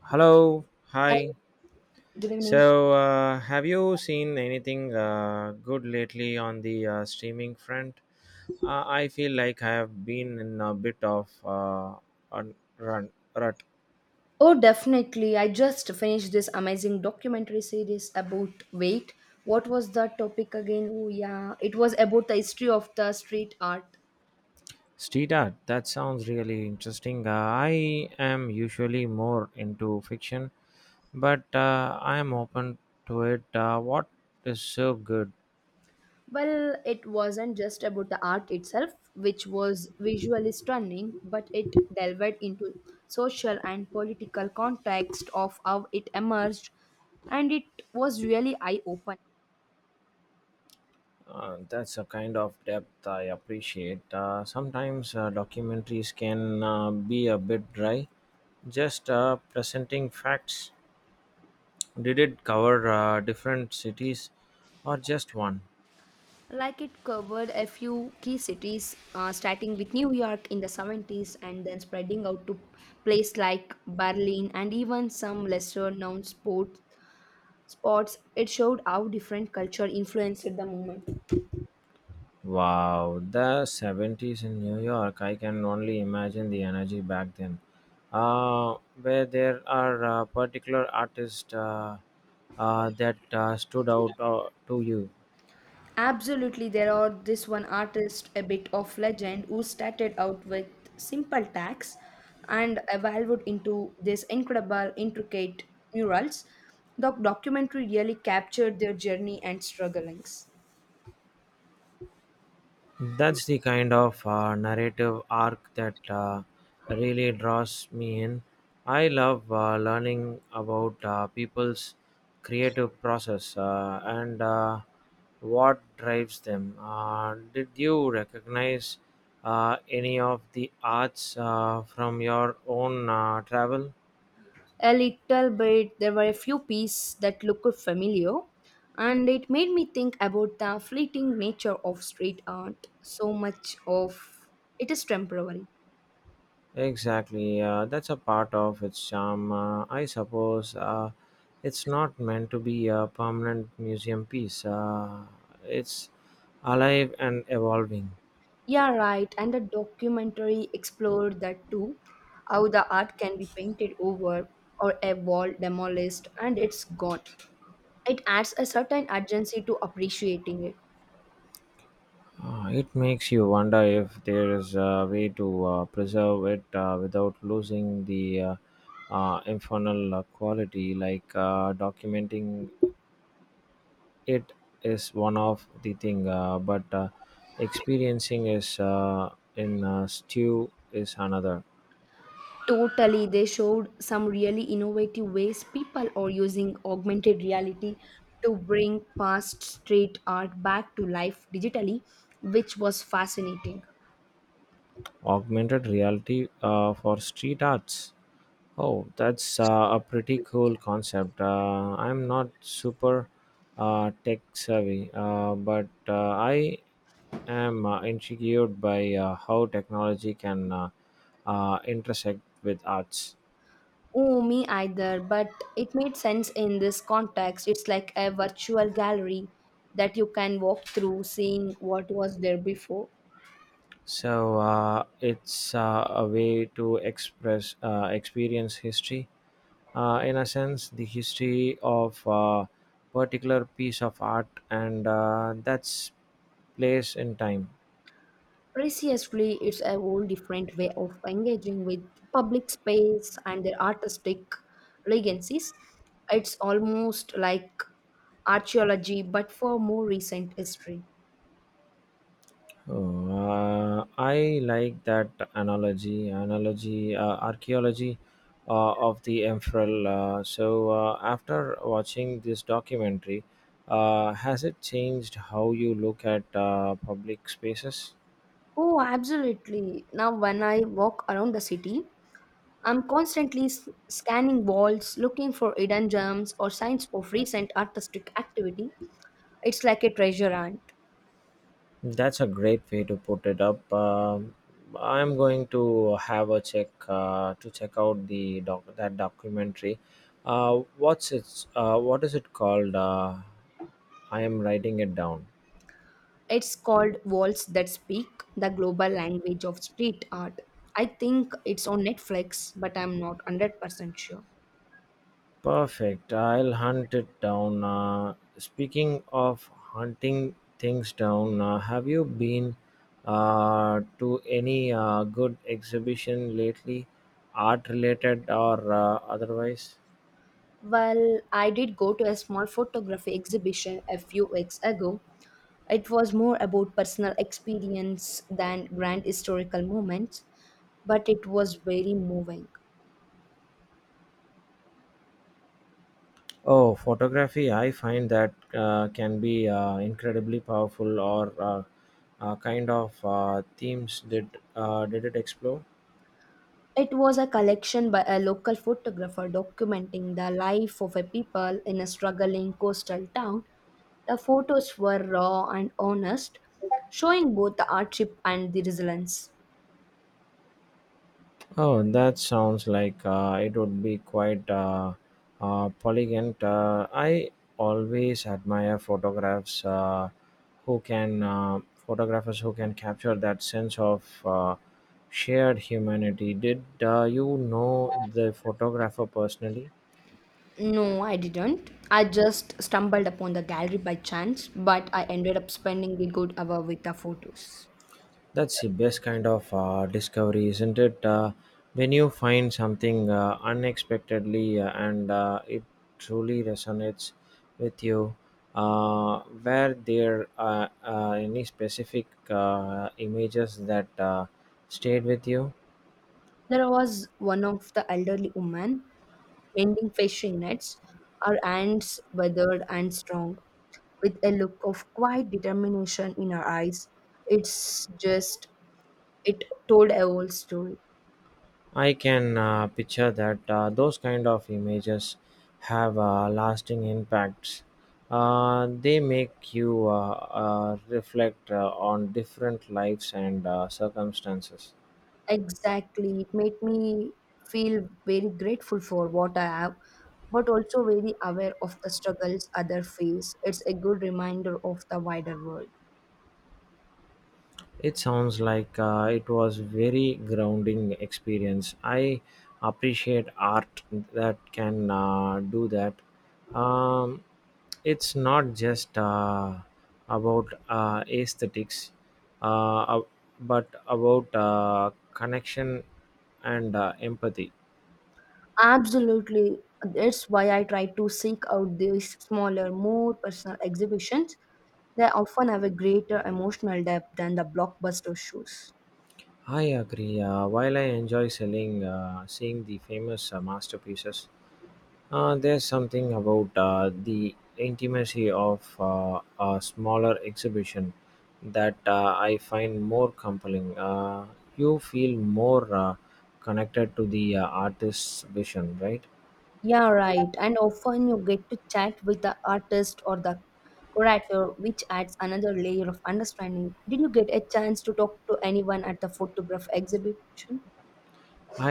Hello, Hi, hi. good evening. So, have you seen anything good lately on the streaming front? I feel like I have been in a bit of a run rut. Oh, definitely. I just finished this amazing documentary series about wait. What was the topic again? Oh, yeah. It was about the history of the street art. Street art. That sounds really interesting. I am usually more into fiction, but I am open to it. What is so good? Well, it wasn't just about the art itself, which was visually stunning, but it delved into social and political context of how it emerged, and it was really eye-opening. That's a kind of depth I appreciate. Sometimes documentaries can be a bit dry just presenting facts. Did it cover different cities or just one? Like it covered a few key cities, starting with New York in the 70s and then spreading out to places like Berlin and even some lesser known sports. Spots, it showed how different culture influenced the movement. Wow, the 70s in New York, I can only imagine the energy back then. Uh, where there are particular artists that stood out to you. Absolutely, there are this one artist, a bit of legend, who started out with simple tags and evolved into this incredible, intricate murals. The documentary really captured their journey and strugglings. That's the kind of narrative arc that really draws me in. I love learning about people's creative process and what drives them. Did you recognize any of the arts from your own travel? A little bit. There were a few pieces that looked familiar, and it made me think about the fleeting nature of street art. So much of it is temporary. Exactly, that's a part of its charm. I suppose it's not meant to be a permanent museum piece, it's alive and evolving. Yeah, right. And the documentary explored that too, how the art can be painted over or a wall demolished and it's gone. It adds a certain urgency to appreciating it. It makes you wonder if there is a way to preserve it without losing the infernal quality. Like documenting it is one of the thing, but experiencing is in stew is another. Totally, they showed some really innovative ways people are using augmented reality to bring past street art back to life digitally, which was fascinating. Augmented reality for street arts. Oh, that's a pretty cool concept. I'm not super tech savvy, but I am intrigued by how technology can intersect with arts. Oh, me either, but it made sense in this context. It's like a virtual gallery that you can walk through, seeing what was there before. So it's a way to express experience history in a sense, the history of a particular piece of art and that's place in time. Preciously, it's a whole different way of engaging with public space and their artistic legacies. It's almost like archaeology, but for more recent history. Oh, I like that analogy. Archaeology of the Emperor. So, after watching this documentary, has it changed how you look at public spaces? Oh, absolutely. Now, when I walk around the city, I'm constantly scanning walls, looking for hidden gems or signs of recent artistic activity. It's like a treasure hunt. That's a great way to put it up. I'm going to have a check to check out the documentary. What is it called? I am writing it down. It's called Walls That Speak, the global language of street art. I think it's on Netflix, but I'm not 100% sure. Perfect. I'll hunt it down. Speaking of hunting things down, have you been to any good exhibition lately, art related or otherwise? Well, I did go to a small photography exhibition a few weeks ago. It was more about personal experience than grand historical moments, but it was very moving. Oh, photography, I find that can be incredibly powerful or kind of themes did it explore? It was a collection by a local photographer documenting the life of a people in a struggling coastal town. The photos were raw and honest, showing both the hardship and the resilience. Oh, that sounds like it would be quite polygon. I always admire photographs who can photographers who can capture that sense of shared humanity. Did you know the photographer personally? No, I didn't. I just stumbled upon the gallery by chance, but I ended up spending a good hour with the photos. That's the best kind of discovery, isn't it? When you find something unexpectedly and it truly resonates with you, were there any specific images that stayed with you? There was one of the elderly woman mending fishing nets, her hands weathered and strong, with a look of quiet determination in her eyes. It's just, it told a whole story. I can picture that those kind of images have lasting impacts. They make you reflect on different lives and circumstances. Exactly. It made me feel very grateful for what I have, but also very aware of the struggles others face. It's a good reminder of the wider world. It sounds like it was very grounding experience. I appreciate art that can do that. Um, it's not just about aesthetics, uh, ab- but about connection and empathy. Absolutely. That's why I try to seek out these smaller, more personal exhibitions. They often have a greater emotional depth than the blockbuster shows. I agree. While I enjoy seeing the famous masterpieces, there's something about the intimacy of a smaller exhibition that I find more compelling. You feel more connected to the artist's vision, right? Yeah, right. And often you get to chat with the artist or the curator, which adds another layer of understanding. Did you get a chance to talk to anyone at the photograph exhibition?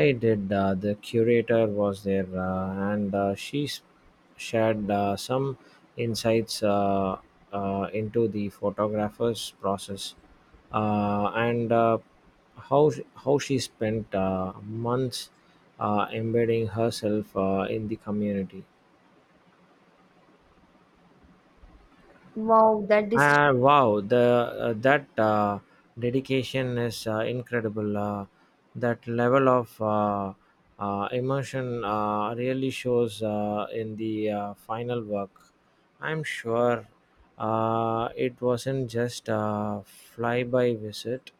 I did. The curator was there, and she shared some insights into the photographer's process and how she spent months embedding herself in the community. Wow, that is Wow, the that dedication is incredible. That level of emotion really shows in the final work. I'm sure it wasn't just a flyby visit.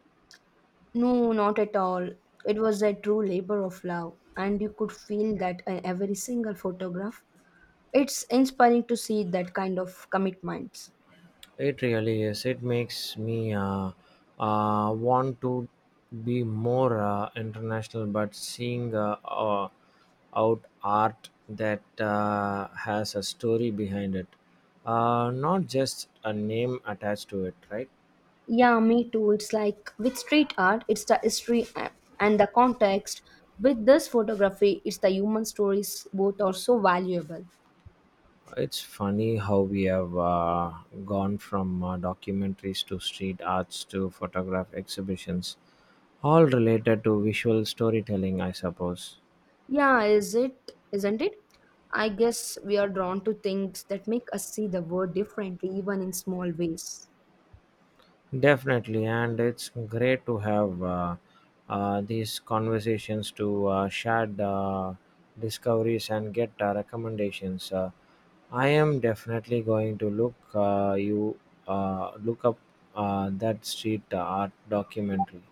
no, not at all. It was a true labor of love, and you could feel that in every single photograph. It's inspiring to see that kind of commitment. It really is. It makes me want to be more international, but seeing out art that has a story behind it, not just a name attached to it, right? Yeah, me too. It's like with street art, it's the history and the context. With this photography, it's the human stories. Both are so valuable. It's funny how we have gone from documentaries to street arts to photograph exhibitions, all related to visual storytelling, I suppose. Yeah, is it? Isn't it? I guess we are drawn to things that make us see the world differently, even in small ways. Definitely, and it's great to have these conversations to share discoveries and get recommendations. I am definitely going to look up that street art documentary.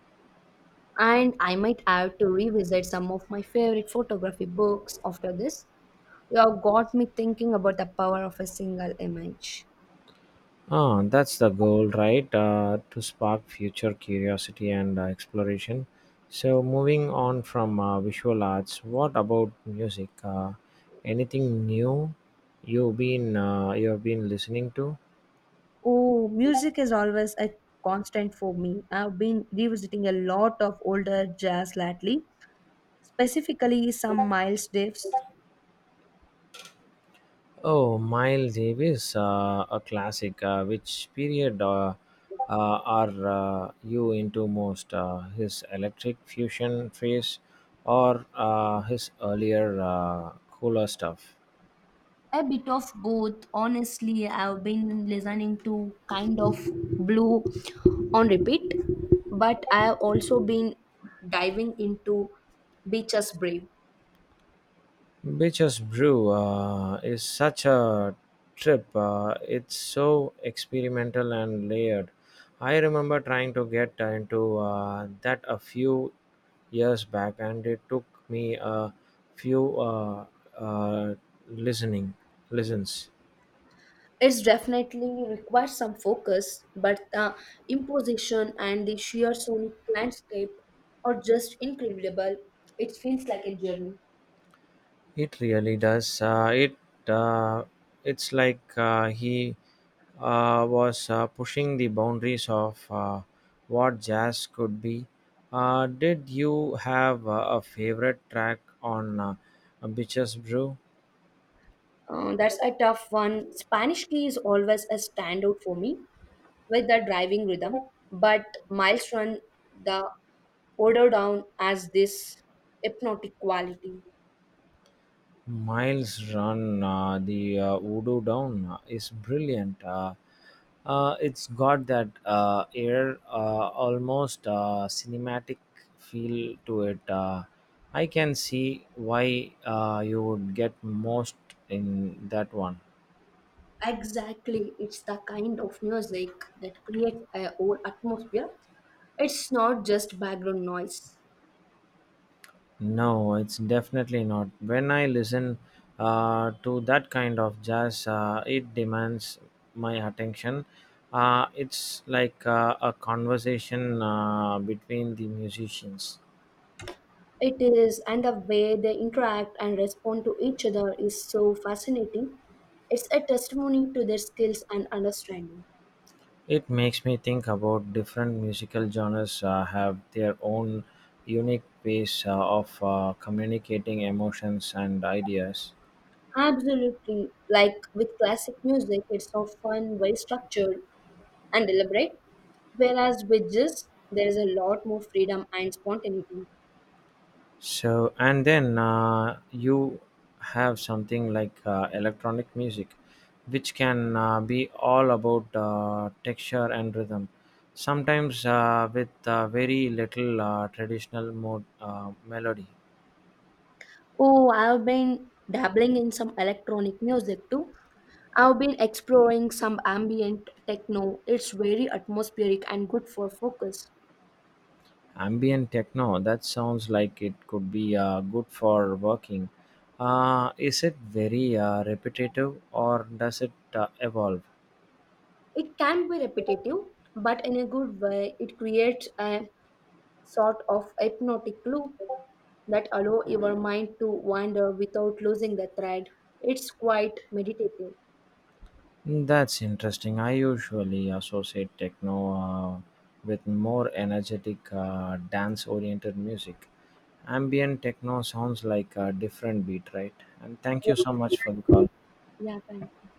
And I might have to revisit some of my favorite photography books after this. You have got me thinking about the power of a single image. Ah, that's the goal, right? To spark future curiosity and exploration. So, moving on from visual arts, what about music? Anything new you've been listening to? Oh, music is always a constant for me. I've been revisiting a lot of older jazz lately, specifically some Miles Davis. Oh, Miles Davis, a classic. Which period are you into most? His electric fusion phase, or his earlier cooler stuff? A bit of both. Honestly, I've been listening to Kind of Blue on repeat, but I've also been diving into Beaches Brave. Beaches Brew is such a trip. It's so experimental and layered. I remember trying to get into that a few years back, and it took me a few uh, listening listens. It's definitely requires some focus, but the imposition and the sheer sonic landscape are just incredible. It feels like a journey. It really does. Uh, it's like he was pushing the boundaries of what jazz could be. Did you have a favorite track on Bitches Brew? That's a tough one. Spanish Key is always a standout for me with the driving rhythm, but Miles Run, the order down as this hypnotic quality. Miles Run, the Voodoo Down is brilliant. It's got that almost cinematic feel to it. I can see why you would get most in that one. Exactly, it's the kind of music that creates a whole atmosphere. It's not just background noise. No, it's definitely not. When I listen to that kind of jazz, it demands my attention. It's like a conversation between the musicians. It is, and the way they interact and respond to each other is so fascinating. It's a testimony to their skills and understanding. It makes me think about different musical genres have their own unique ways of communicating emotions and ideas. Absolutely, like with classic music, it's often very structured and deliberate, whereas with jazz, there is a lot more freedom and spontaneity. So, and then you have something like electronic music, which can be all about texture and rhythm, sometimes with very little traditional melody. Oh, I've been dabbling in some electronic music too. I've been exploring some ambient techno. It's very atmospheric and good for focus. Ambient techno, that sounds like it could be good for working. Is it very repetitive, or does it evolve? It can be repetitive, but in a good way, it creates a sort of hypnotic loop that allow your mind to wander without losing the thread. It's quite meditative. Hmm, that's interesting. I usually associate techno uh, with more energetic dance oriented music. Ambient techno sounds like a different beat, right? And thank you so much for the call. Yeah, thank you.